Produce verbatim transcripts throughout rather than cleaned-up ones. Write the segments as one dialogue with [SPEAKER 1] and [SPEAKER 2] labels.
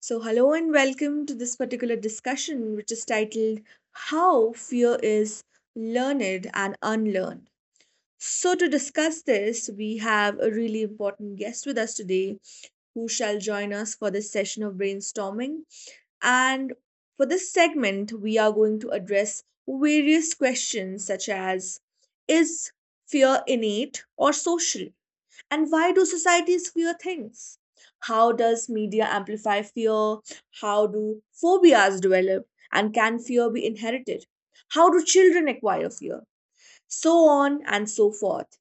[SPEAKER 1] So, hello and welcome to this particular discussion, which is titled How Fear is Learned and Unlearned. So, to discuss this, we have a really important guest with us today who shall join us for this session of brainstorming. And for this segment, we are going to address various questions such as: Is fear innate or social? And why do societies fear things? How does media amplify fear? How do phobias develop? And can fear be inherited? How do children acquire fear? So on and so forth.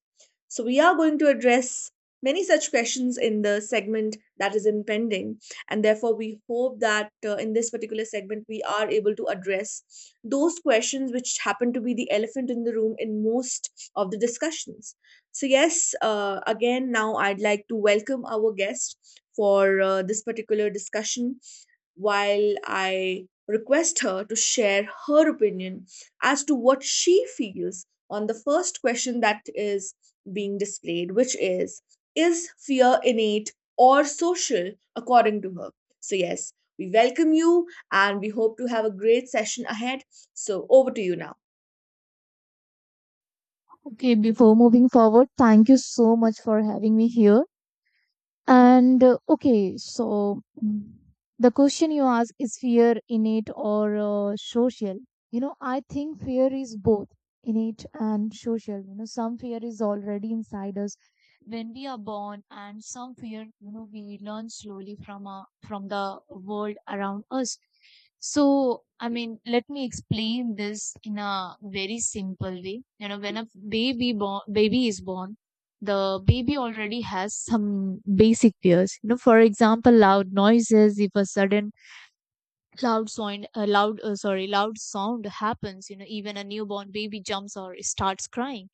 [SPEAKER 1] So, we are going to address many such questions in the segment that is impending. And therefore, we hope that uh, in this particular segment, we are able to address those questions which happen to be the elephant in the room in most of the discussions. So, yes, uh, again, now I'd like to welcome our guest for uh, this particular discussion while I request her to share her opinion as to what she feels on the first question that is being displayed, which is: Is fear innate or social, according to her? So, yes, we welcome you and we hope to have a great session ahead. So, over to you now.
[SPEAKER 2] Okay, before moving forward, thank you so much for having me here. And uh, okay, so mm, the question you ask is fear innate or uh, social? You know, I think fear is both innate and social. You know, some fear is already inside us when we are born, and some fear, you know, we learn slowly from our, from the world around us. So, I mean, let me explain this in a very simple way. You know, when a baby born, baby is born, the baby already has some basic fears. You know, for example, loud noises. If a sudden loud sound uh, loud uh, sorry loud sound happens, you know, even a newborn baby jumps or starts crying.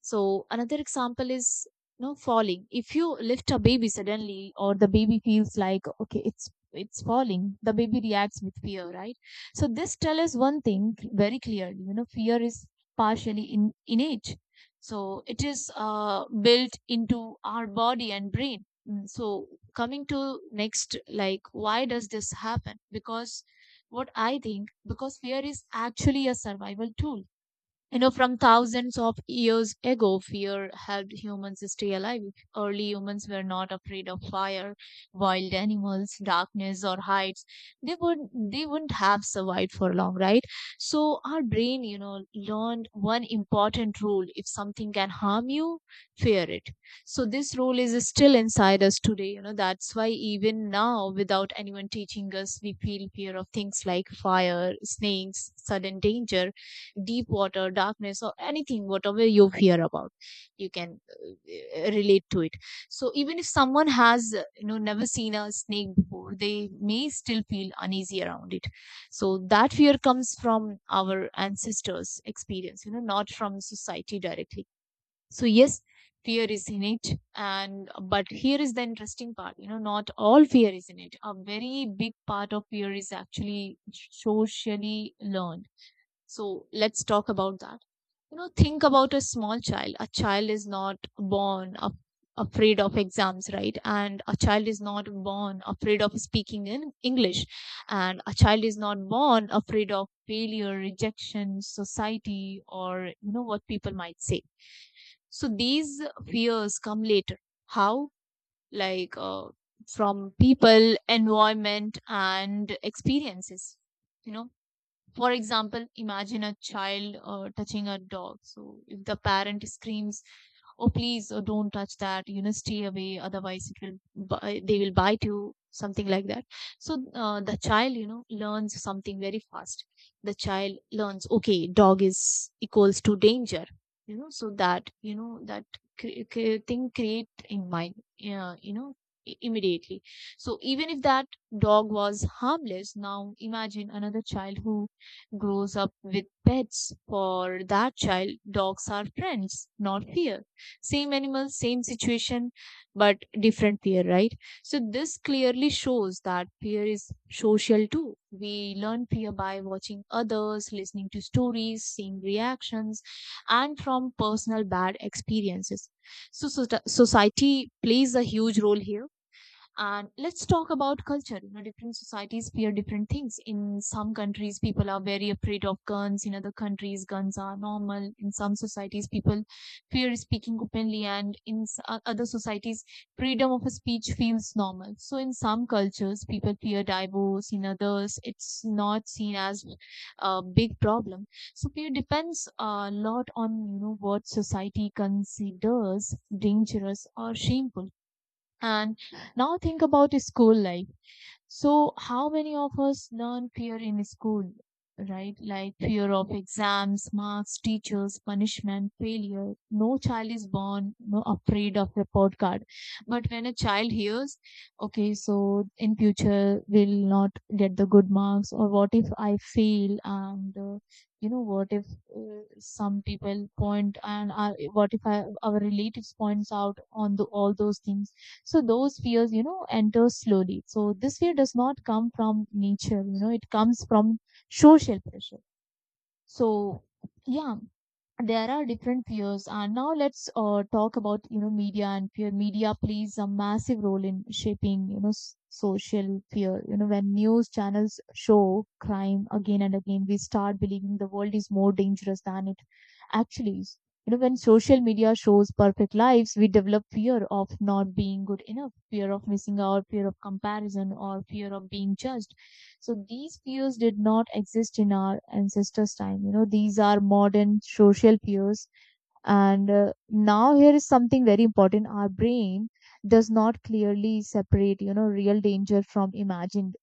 [SPEAKER 2] So another example is, you know, falling. If you lift a baby suddenly, or the baby feels like okay it's it's falling, the baby reacts with fear, right? So this tells us one thing very clearly. You know, fear is partially in innate, so it is uh, built into our body and brain. Mm, so coming to next, like why does this happen? Because what I think, because fear is actually a survival tool. You know, from thousands of years ago, fear helped humans stay alive. Early humans were not afraid of fire, wild animals, darkness, or heights. They would they wouldn't have survived for long, right? So our brain, you know, learned one important rule: if something can harm you, fear it. So this rule is still inside us today. You know, that's why even now, without anyone teaching us, we feel fear of things like fire, snakes, sudden danger, deep water, darkness, or anything, whatever you fear about, you can uh, relate to it. So even if someone has, uh, you know, never seen a snake before, they may still feel uneasy around it. So that fear comes from our ancestors' experience, you know, not from society directly. So yes, fear is innate, and but here is the interesting part. You know, not all fear is innate. A very big part of fear is actually socially learned, so let's talk about that. You know, think about a small child. A child is not born af- afraid of exams, right? And a child is not born afraid of speaking in English. And a child is not born afraid of failure, rejection, society, or, you know, what people might say. So these fears come later. How? Like uh, from people, environment, and experiences. You know, for example, imagine a child uh, touching a dog. So if the parent screams, oh please, oh, don't touch that, you know, stay away, otherwise it will bi- they will bite you, something like that. So uh, the child, you know, learns something very fast. The child learns, okay, dog is equals to danger. You know, so that, you know, that cre- cre- thing create in mind, uh, you know i- immediately. So even if that dog was harmless now, imagine another child who grows up with pets. For that child, dogs are friends, not fear. Same animal, same situation, but different fear, right? So this clearly shows that fear is social too. We learn fear by watching others, listening to stories, seeing reactions, and from personal bad experiences. So, so so, society plays a huge role here, and let's talk about culture. You know, different societies fear different things. In some countries, people are very afraid of guns. In other countries, guns are normal. In some societies, people fear speaking openly, and in other societies, freedom of speech feels normal. So in some cultures, people fear divorce. In others, it's not seen as a big problem. So fear depends a lot on, you know, what society considers dangerous or shameful. And now think about school life. So how many of us learn fear in school, right? Like fear of exams, marks, teachers, punishment, failure. No child is born no afraid of report card. But when a child hears, okay, so in future will not get the good marks, or what if I fail? And uh, you know, what if uh, some people point, and uh, what if I, our relatives points out on the all those things? So those fears, you know, enter slowly. So this fear does not come from nature. You know, it comes from social pressure. So yeah, there are different fears, and now let's uh, talk about, you know, media and fear. Media plays a massive role in shaping, you know, s- social fear. You know, when news channels show crime again and again, we start believing the world is more dangerous than it actually is. You know, when social media shows perfect lives, we develop fear of not being good enough, fear of missing out, fear of comparison, or fear of being judged. So these peers did not exist in our ancestors' time. You know, these are modern social peers. And uh, now here is something very important. Our brain does not clearly separate, you know, real danger from imagined.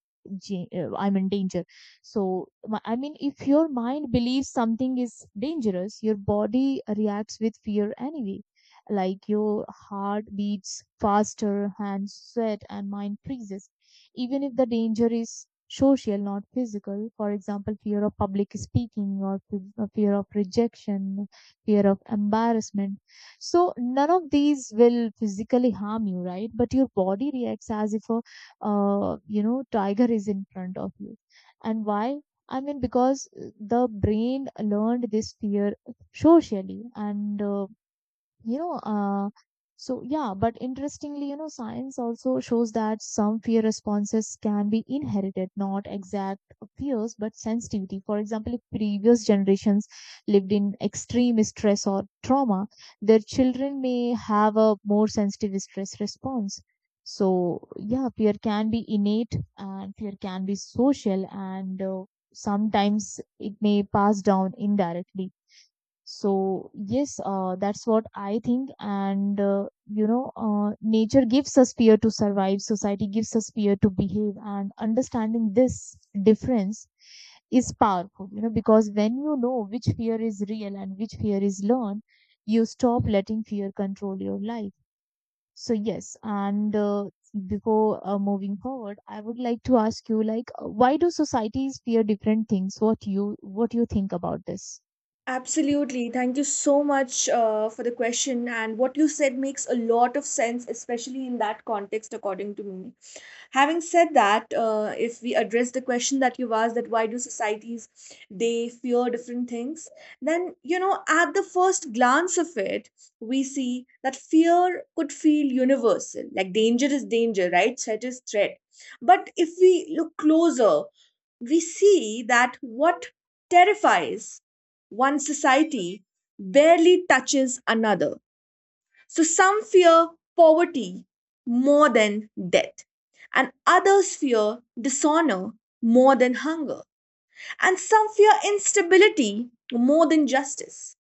[SPEAKER 2] ja- uh, I mean danger. So my- I mean, if your mind believes something is dangerous, your body reacts with fear anyway. Like your heart beats faster, hands sweat, and mind freezes. Even if the danger is social, not physical. For example, fear of public speaking, or f- uh, fear of rejection, fear of embarrassment. So none of these will physically harm you, right? But your body reacts as if a, uh, you know, tiger is in front of you. And why? I mean, because the brain learned this fear socially, and uh, you know uh, so yeah. But interestingly, you know, science also shows that some fear responses can be inherited, not exact fears but sensitivity. For example, if previous generations lived in extreme stress or trauma, their children may have a more sensitive stress response. So yeah, fear can be innate and fear can be social, and uh, sometimes it may pass down indirectly. So yes, uh, that's what I think. And uh, you know, uh, nature gives us fear to survive. Society gives us fear to behave. And understanding this difference is powerful. You know, because when you know which fear is real and which fear is learned, you stop letting fear control your life. So yes, and uh, before uh, moving forward, I would like to ask you, like, uh, why do societies fear different things? What you what you think about this?
[SPEAKER 1] Absolutely. Thank you so much uh, for the question. And what you said makes a lot of sense, especially in that context, according to me. Having said that, uh, if we address the question that you've asked, that why do societies they fear different things, then you know, at the first glance of it, we see that fear could feel universal. Like danger is danger, right? Threat is threat. But if we look closer, we see that what terrifies one society barely touches another. So some fear poverty more than death, and others fear dishonor more than hunger, and some fear instability more than justice.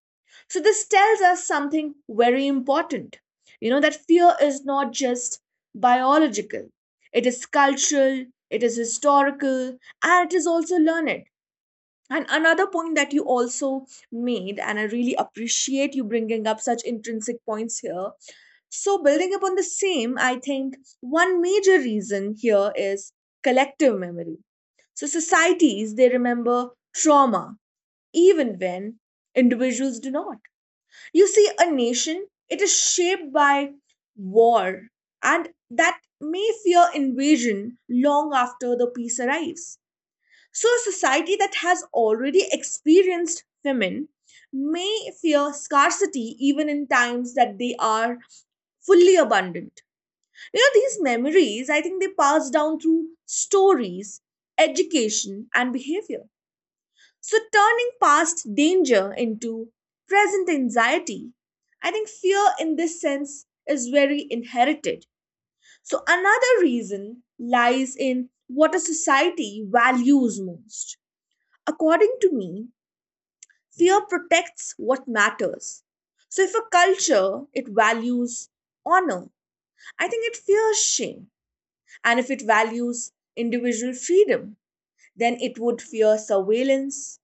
[SPEAKER 1] So this tells us something very important. You know, that fear is not just biological, it is cultural, it is historical, and it is also learned. And another point that you also made, and I really appreciate you bringing up such intrinsic points here. So, building upon the same, I think one major reason here is collective memory. So, societies, they remember trauma even when individuals do not. You see, a nation, it is shaped by war, and that may fear invasion long after the peace arrives. So, a society that has already experienced famine may fear scarcity even in times that they are fully abundant. You know, these memories, I think they pass down through stories, education, and behavior. So, turning past danger into present anxiety, I think fear in this sense is very inherited. So, another reason lies in what a society values most. According to me, fear protects what matters. So if a culture it values honor, I think it fears shame. And if it values individual freedom, then it would fear surveillance.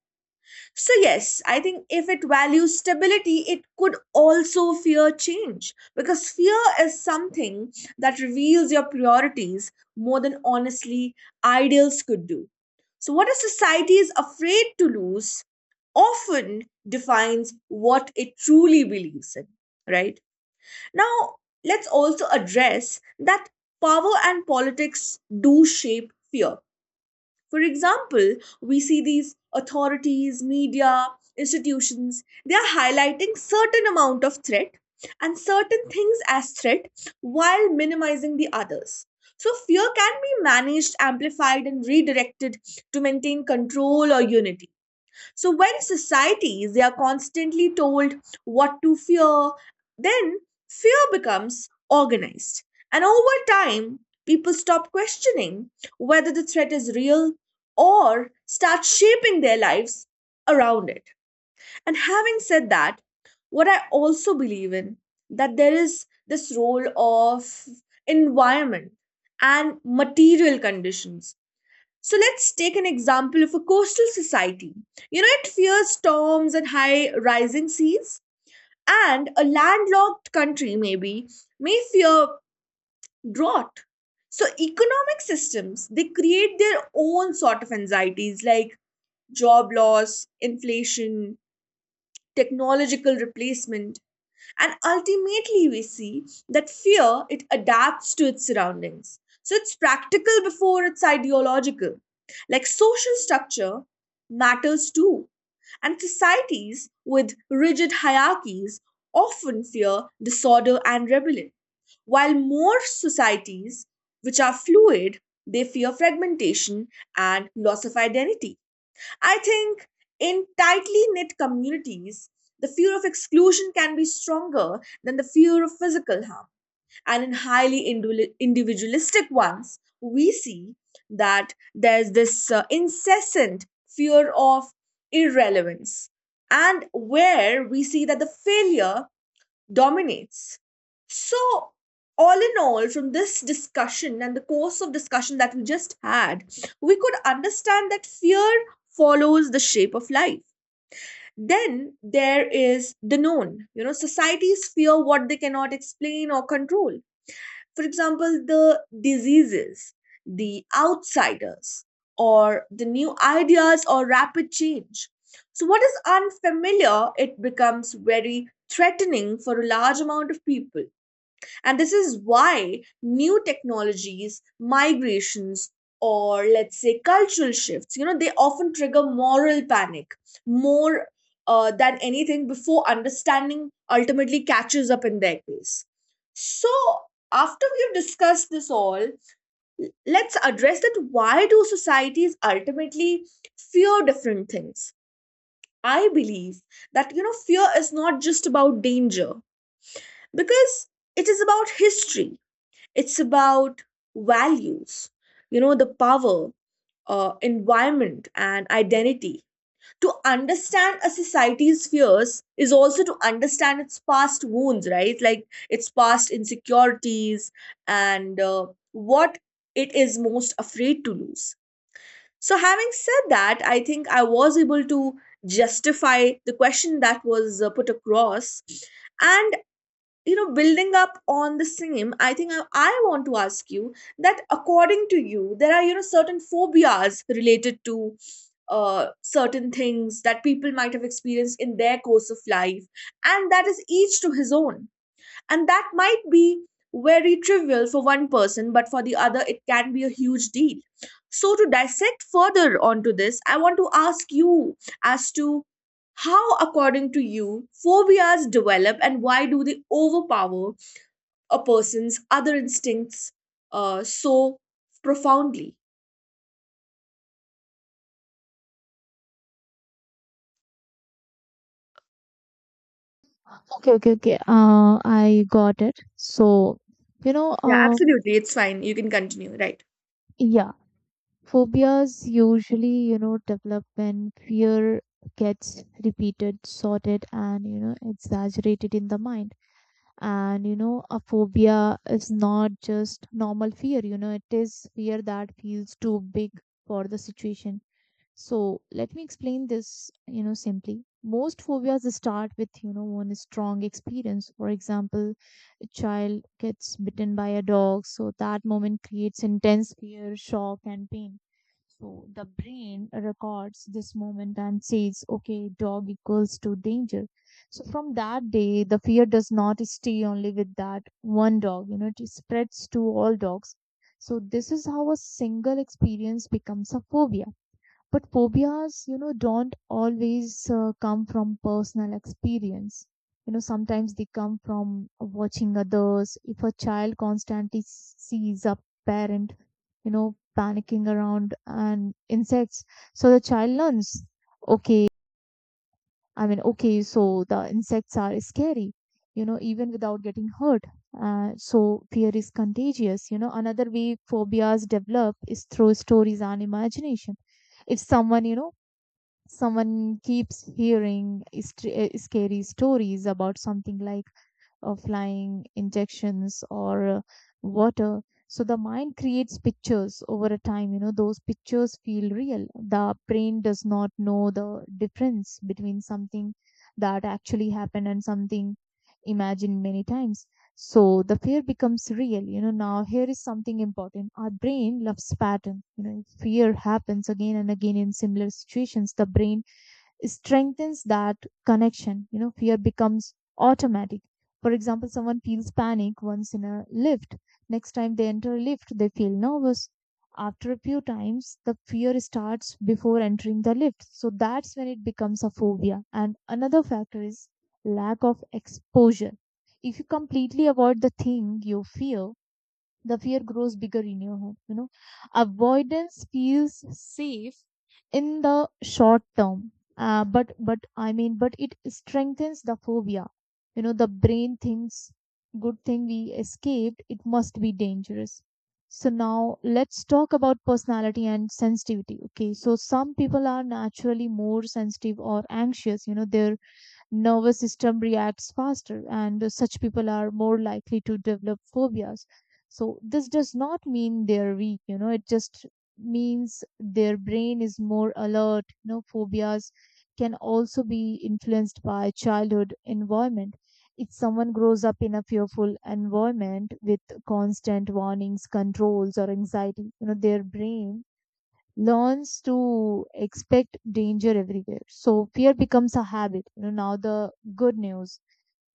[SPEAKER 1] So, yes, I think if it values stability, it could also fear change, because fear is something that reveals your priorities more than honestly ideals could do. So, what a society is afraid to lose often defines what it truly believes in, right? Now, let's also address that power and politics do shape fear. For example, we see these authorities, media, institutions, they are highlighting certain amount of threat and certain things as threat while minimizing the others. So fear can be managed, amplified, and redirected to maintain control or unity. So when societies they are constantly told what to fear, then fear becomes organized. And over time, people stop questioning whether the threat is real or start shaping their lives around it. And having said that, what I also believe in that there is this role of environment and material conditions, so let's take an example of a coastal society. You know, it fears storms and high rising seas, and a landlocked country maybe may fear drought. So economic systems they create their own sort of anxieties like job loss, inflation, technological replacement, and ultimately we see that fear it adapts to its surroundings, so it's practical before it's ideological. Like social structure matters too, and societies with rigid hierarchies often fear disorder and rebellion, while more societies which are fluid they fear fragmentation and loss of identity. I think in tightly knit communities, the fear of exclusion can be stronger than the fear of physical harm. And in highly individu- individualistic ones, we see that there's this uh, incessant fear of irrelevance, and where we see that the failure dominates. So, all in all, from this discussion and the course of discussion that we just had, we could understand that fear follows the shape of life. Then there is the known. You know, societies fear what they cannot explain or control. For example, the diseases, the outsiders, or the new ideas or rapid change. So, what is unfamiliar, it becomes very threatening for a large amount of people. And this is why new technologies, migrations, or let's say cultural shifts, you know, they often trigger moral panic more uh, than anything before understanding ultimately catches up in their case. So, after we've discussed this all, l- let's address that why do societies ultimately fear different things? I believe that, you know, fear is not just about danger, because it is about history, it's about values, you know, the power, uh, environment, and identity. To understand a society's fears is also to understand its past wounds, right? Like its past insecurities and uh, what it is most afraid to lose. So, having said that, I think I was able to justify the question that was uh, put across. And you know building up on the same i think I, I want to ask you that according to you there are you know certain phobias related to uh, certain things that people might have experienced in their course of life, and that is each to his own, and that might be very trivial for one person, but for the other, it can be a huge deal. So, to dissect further onto this, I want to ask you as to how, according to you, phobias develop and why do they overpower a person's other instincts uh, so profoundly?
[SPEAKER 2] Okay, okay, okay. Uh, I got it. So, you know,
[SPEAKER 1] Yeah,
[SPEAKER 2] uh,
[SPEAKER 1] absolutely. It's fine. You can continue. Right.
[SPEAKER 2] yeah. Phobias usually, you know, develop when fear gets repeated, sorted, and, you know, exaggerated in the mind. And, you know, a phobia is not just normal fear, you know, it is fear that feels too big for the situation. So let me explain this, you know, simply. Most phobias start with, you know, one strong experience. For example, a child gets bitten by a dog, so that moment creates intense fear, shock, and pain. So the brain records this moment and says, okay, dog equals to danger. So from that day, the fear does not stay only with that one dog, you know, it spreads to all dogs. So this is how a single experience becomes a phobia. But phobias, you know, don't always uh, come from personal experience. You know, sometimes they come from watching others. If a child constantly sees a parent, you know, panicking around and insects, so the child learns, okay, I mean, okay, so the insects are scary, you know, even without getting hurt. Uh, so fear is contagious. You know, another way phobias develop is through stories and imagination. If someone you know Someone keeps hearing str- uh, scary stories about something like uh, flying injections or uh, water. So the mind creates pictures over a time. You know, those pictures feel real. The brain does not know the difference between something that actually happened and something imagined many times. So the fear becomes real. You know, now here is something important. Our brain loves pattern. You know, if fear happens again and again in similar situations, the brain strengthens that connection. You know, fear becomes automatic. For example, someone feels panic once in a lift. Next time they enter a lift, they feel nervous. After a few times, the fear starts before entering the lift. So that's when it becomes a phobia. And another factor is lack of exposure. If you completely avoid the thing you fear, the fear grows bigger in your head. You know avoidance feels safe in the short term. Uh, but but i mean but it strengthens the phobia. You know the brain thinks, good thing we escaped, it must be dangerous. So now let's talk about personality and sensitivity. Okay, so some people are naturally more sensitive or anxious. You know their nervous system reacts faster, and such people are more likely to develop phobias. So this does not mean they're weak. You know it just means their brain is more alert. You know phobias can also be influenced by childhood environment. If someone grows up in a fearful environment with constant warnings, controls, or anxiety, you know their brain learns to expect danger everywhere. So fear becomes a habit. You know, now the good news.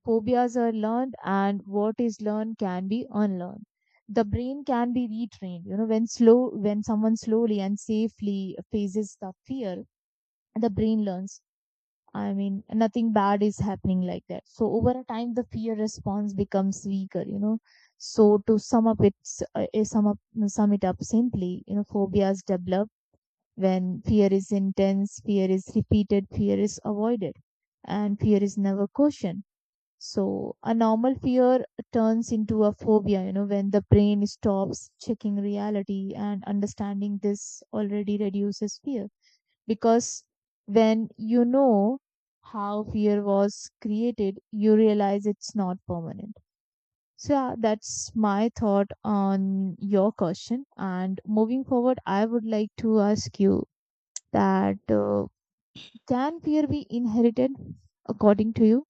[SPEAKER 2] Phobias are learned, and what is learned can be unlearned. The brain can be retrained. You know, when slow when someone slowly and safely faces the fear, the brain learns. I mean, nothing bad is happening like that. So over a time, the fear response becomes weaker. You know, so to sum up, it's uh, sum up sum it up simply. You know, phobias develop when fear is intense, fear is repeated, fear is avoided, and fear is never cautioned. So a normal fear turns into a phobia, you know, when the brain stops checking reality, and understanding this already reduces fear. Because when you know how fear was created, you realize it's not permanent. So yeah, that's my thought on your question. And moving forward, I would like to ask you that uh, can fear be inherited according to you?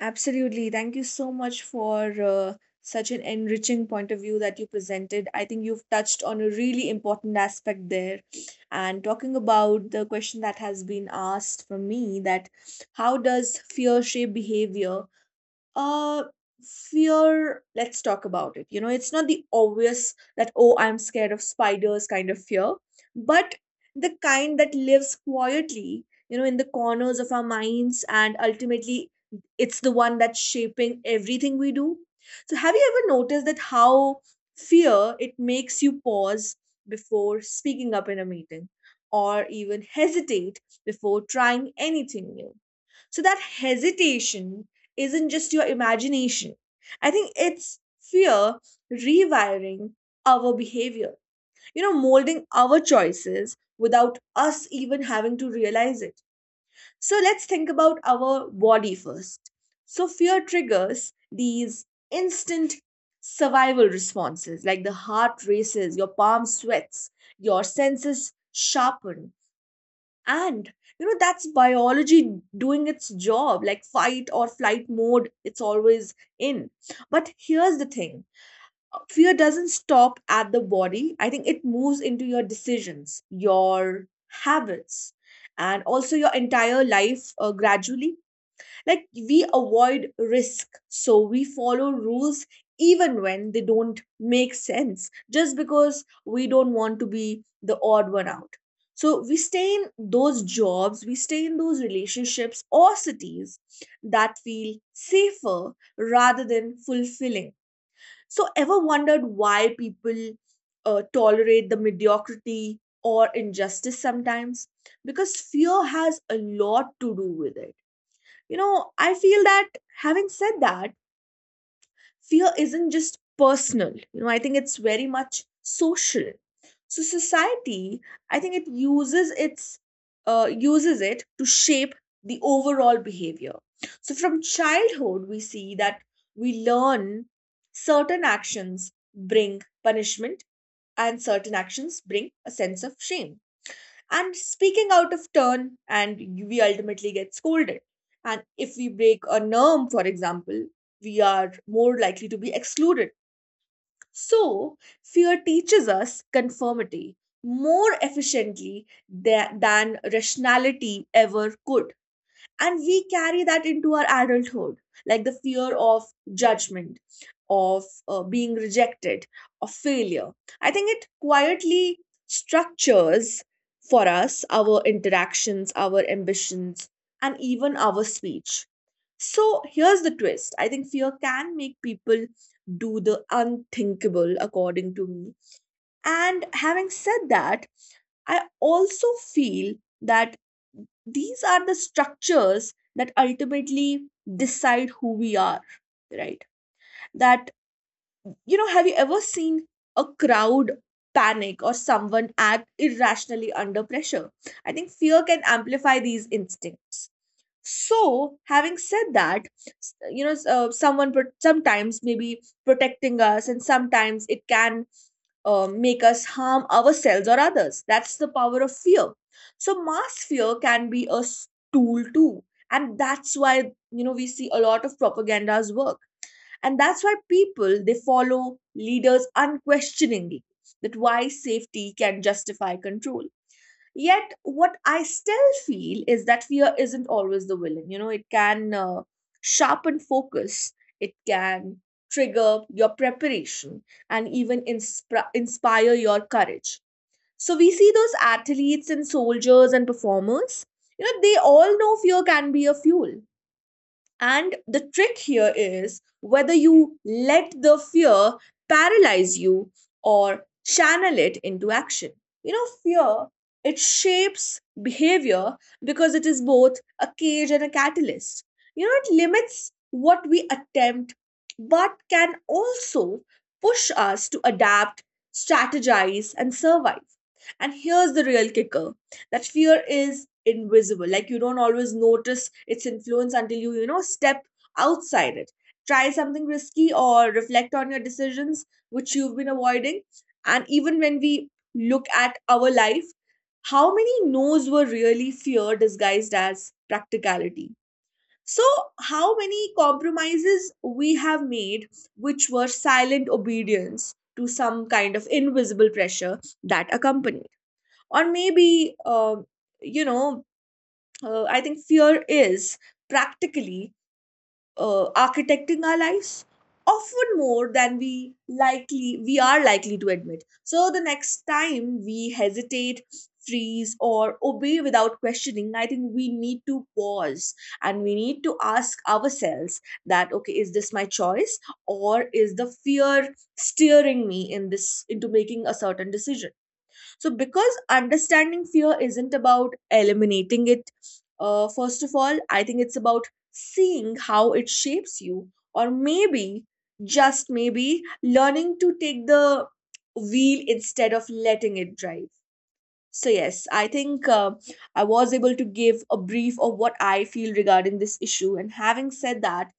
[SPEAKER 1] Absolutely. Thank you so much for uh, such an enriching point of view that you presented. I think you've touched on a really important aspect there. And talking about the question that has been asked from me that how does fear shape behavior? Uh, Fear, let's talk about it. You know, it's not the obvious that, oh, I'm scared of spiders kind of fear, but the kind that lives quietly, you know, in the corners of our minds, and ultimately it's the one that's shaping everything we do. So, have you ever noticed that how fear it makes you pause before speaking up in a meeting or even hesitate before trying anything new? So that hesitation isn't just your imagination. I think it's fear rewiring our behavior, you know, molding our choices without us even having to realize it. So let's think about our body first. So, fear triggers these instant survival responses like the heart races, your palm sweats, your senses sharpen, and you know, that's biology doing its job, like fight or flight mode, it's always in. But here's the thing: fear doesn't stop at the body. I think it moves into your decisions, your habits, and also your entire life uh, gradually. Like we avoid risk, so we follow rules even when they don't make sense, just because we don't want to be the odd one out. So we stay in those jobs, we stay in those relationships or cities that feel safer rather than fulfilling. So, ever wondered why people uh, tolerate the mediocrity or injustice sometimes? Because fear has a lot to do with it, you know, I feel that. Having said that, fear isn't just personal. You know, I think it's very much social. So society, I think it uses its uh, uses it to shape the overall behavior. So from childhood, we see that we learn certain actions bring punishment and certain actions bring a sense of shame and speaking out of turn, and we ultimately get scolded, and if we break a norm, for example, we are more likely to be excluded. So fear teaches us conformity more efficiently tha- than rationality ever could, and we carry that into our adulthood. Like the fear of judgment, of uh, being rejected, of failure, I think it quietly structures for us our interactions, our ambitions, and even our speech. So here's the twist: I think fear can make people do the unthinkable, according to me. And having said that, I also feel that these are the structures that ultimately decide who we are, right? That, you know, have you ever seen a crowd panic or someone act irrationally under pressure? I think fear can amplify these instincts. So having said that, s- you know s- uh, someone pro- sometimes maybe protecting us, and sometimes it can uh, make us harm ourselves or others. That's the power of fear. So mass fear can be a s- tool too, and that's why you know we see a lot of propaganda's work, and that's why people they follow leaders unquestioningly. That why safety can justify control. Yet, what I still feel is that fear isn't always the villain. You know, it can uh, sharpen focus, it can trigger your preparation, and even inspira- inspire your courage. So, we see those athletes and soldiers and performers, you know, they all know fear can be a fuel, and the trick here is whether you let the fear paralyze you or channel it into action. You know, fear, it shapes behavior because it is both a cage and a catalyst. You know, it limits what we attempt, but can also push us to adapt, strategize, and survive. And here's the real kicker: that fear is invisible, like you don't always notice its influence until you you know, step outside it, try something risky, or reflect on your decisions which you've been avoiding. And even when we look at our life, how many no's were really fear disguised as practicality? So how many compromises we have made which were silent obedience to some kind of invisible pressure that accompanied, or maybe um you know uh, I think fear is practically uh, architecting our lives often more than we likely we are likely to admit. So the next time we hesitate, freeze, or obey without questioning, I think we need to pause, and we need to ask ourselves that okay, is this my choice, or is the fear steering me in this into making a certain decision? So, because understanding fear isn't about eliminating it, uh, first of all, I think it's about seeing how it shapes you, or maybe, just maybe, learning to take the wheel instead of letting it drive. So yes, I think uh, I was able to give a brief of what I feel regarding this issue. And having said that,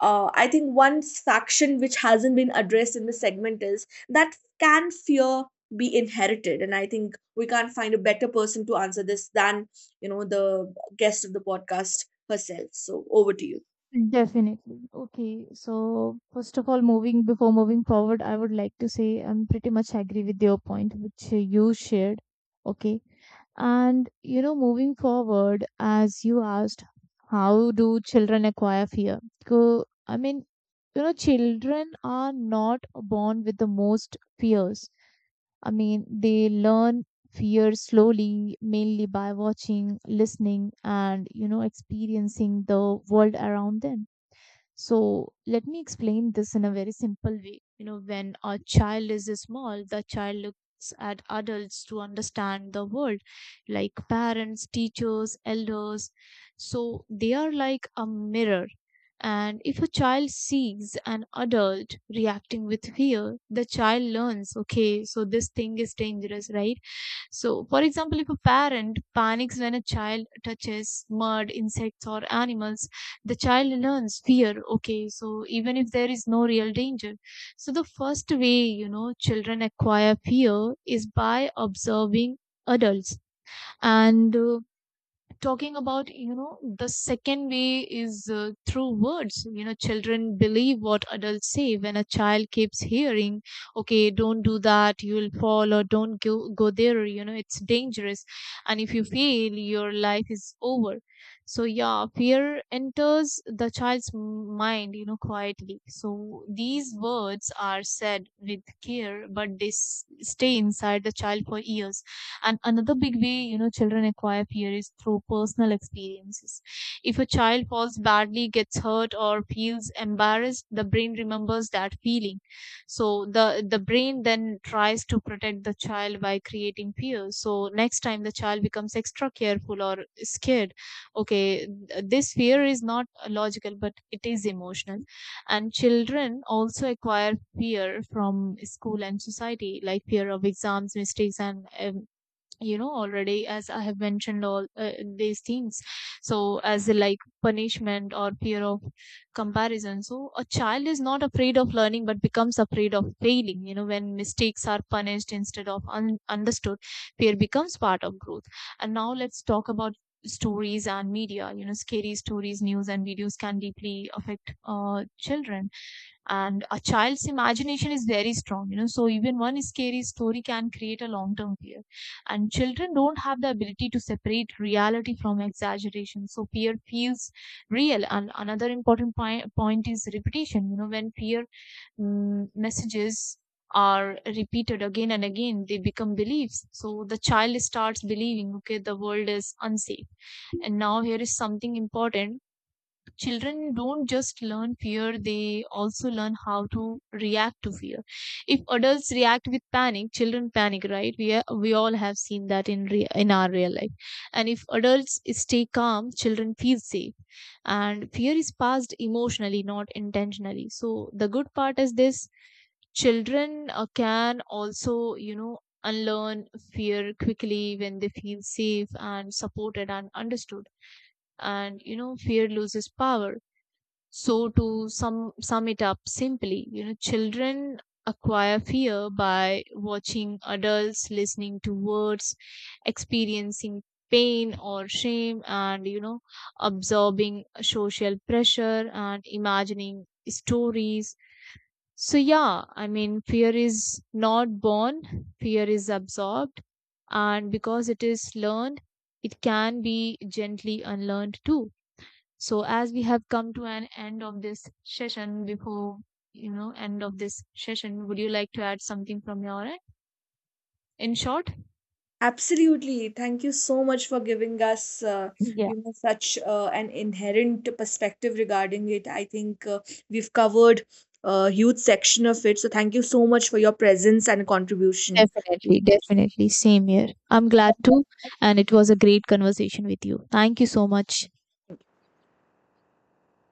[SPEAKER 1] uh, I think one faction which hasn't been addressed in the segment is that can fear be inherited, and I think we can't find a better person to answer this than you know the guest of the podcast herself. So over to you.
[SPEAKER 2] Definitely. Okay. So first of all, moving before moving forward, I would like to say I'm pretty much agree with your point, which uh, you shared. Okay. And you know, moving forward, as you asked, how do children acquire fear? So, I mean, you know, Children are not born with the most fears. I mean, they learn fear slowly, mainly by watching, listening, and, you know, experiencing the world around them. So let me explain this in a very simple way. You know, when a child is small, the child looks at adults to understand the world, like parents, teachers, elders. So they are like a mirror. And if a child sees an adult reacting with fear, the child learns, okay, so this thing is dangerous, right? So, for example, if a parent panics when a child touches mud, insects, or animals, the child learns fear. Okay, so even if there is no real danger. So the first way, you know, children acquire fear is by observing adults. And uh, talking about you know the second way is uh, through words. You know children believe what adults say. When a child keeps hearing, okay, don't do that, you'll fall, or don't go, go there, you know it's dangerous, and if you fail your life is over, so yeah, fear enters the child's m- mind you know quietly. So these words are said with care, but they s- stay inside the child for years. And another big way, you know, children acquire fear is through personal experiences. If a child falls badly, gets hurt, or feels embarrassed, the brain remembers that feeling. So the the brain then tries to protect the child by creating fear. So next time the child becomes extra careful or scared. Okay, th- this fear is not logical, but it is emotional. And children also acquire fear from school and society, like fear of exams, mistakes, and um, you know already as I have mentioned all uh, these things, so as like punishment or fear of comparison. So a child is not afraid of learning but becomes afraid of failing, you know when mistakes are punished instead of un- understood, fear becomes part of growth. And now let's talk about stories and media. You know scary stories, news, and videos can deeply affect uh, children. And a child's imagination is very strong, you know so even one scary story can create a long term fear. And children don't have the ability to separate reality from exaggeration, so fear feels real. And another important point, point is repetition. You know when fear mm, messages are repeated again and again, they become beliefs. So the child starts believing, okay, the world is unsafe. And now here is something important. Children don't just learn fear, they also learn how to react to fear. If adults react with panic, children panic, right? We, are, we all have seen that in, re- in our real life. And if adults stay calm, children feel safe. And fear is passed emotionally, not intentionally. So the good part is this: children uh, can also, you know, unlearn fear quickly when they feel safe and supported and understood, and you know fear loses power. So to sum sum it up simply, you know, children acquire fear by watching adults, listening to words, experiencing pain or shame, and you know, absorbing social pressure and imagining stories. So yeah, I mean, fear is not born; fear is absorbed, and because it is learned, it can be gently unlearned too. So as we have come to an end of this session, before you know end of this session, would you like to add something from your end? In short.
[SPEAKER 1] Absolutely. Thank you so much for giving us, uh,
[SPEAKER 2] Yeah,
[SPEAKER 1] you know, such uh, an inherent perspective regarding it. I think uh, we've covered a huge section of it. So thank you so much for your presence and contribution.
[SPEAKER 2] definitely, definitely. Same here. I'm glad too, and it was a great conversation with you. Thank you so much.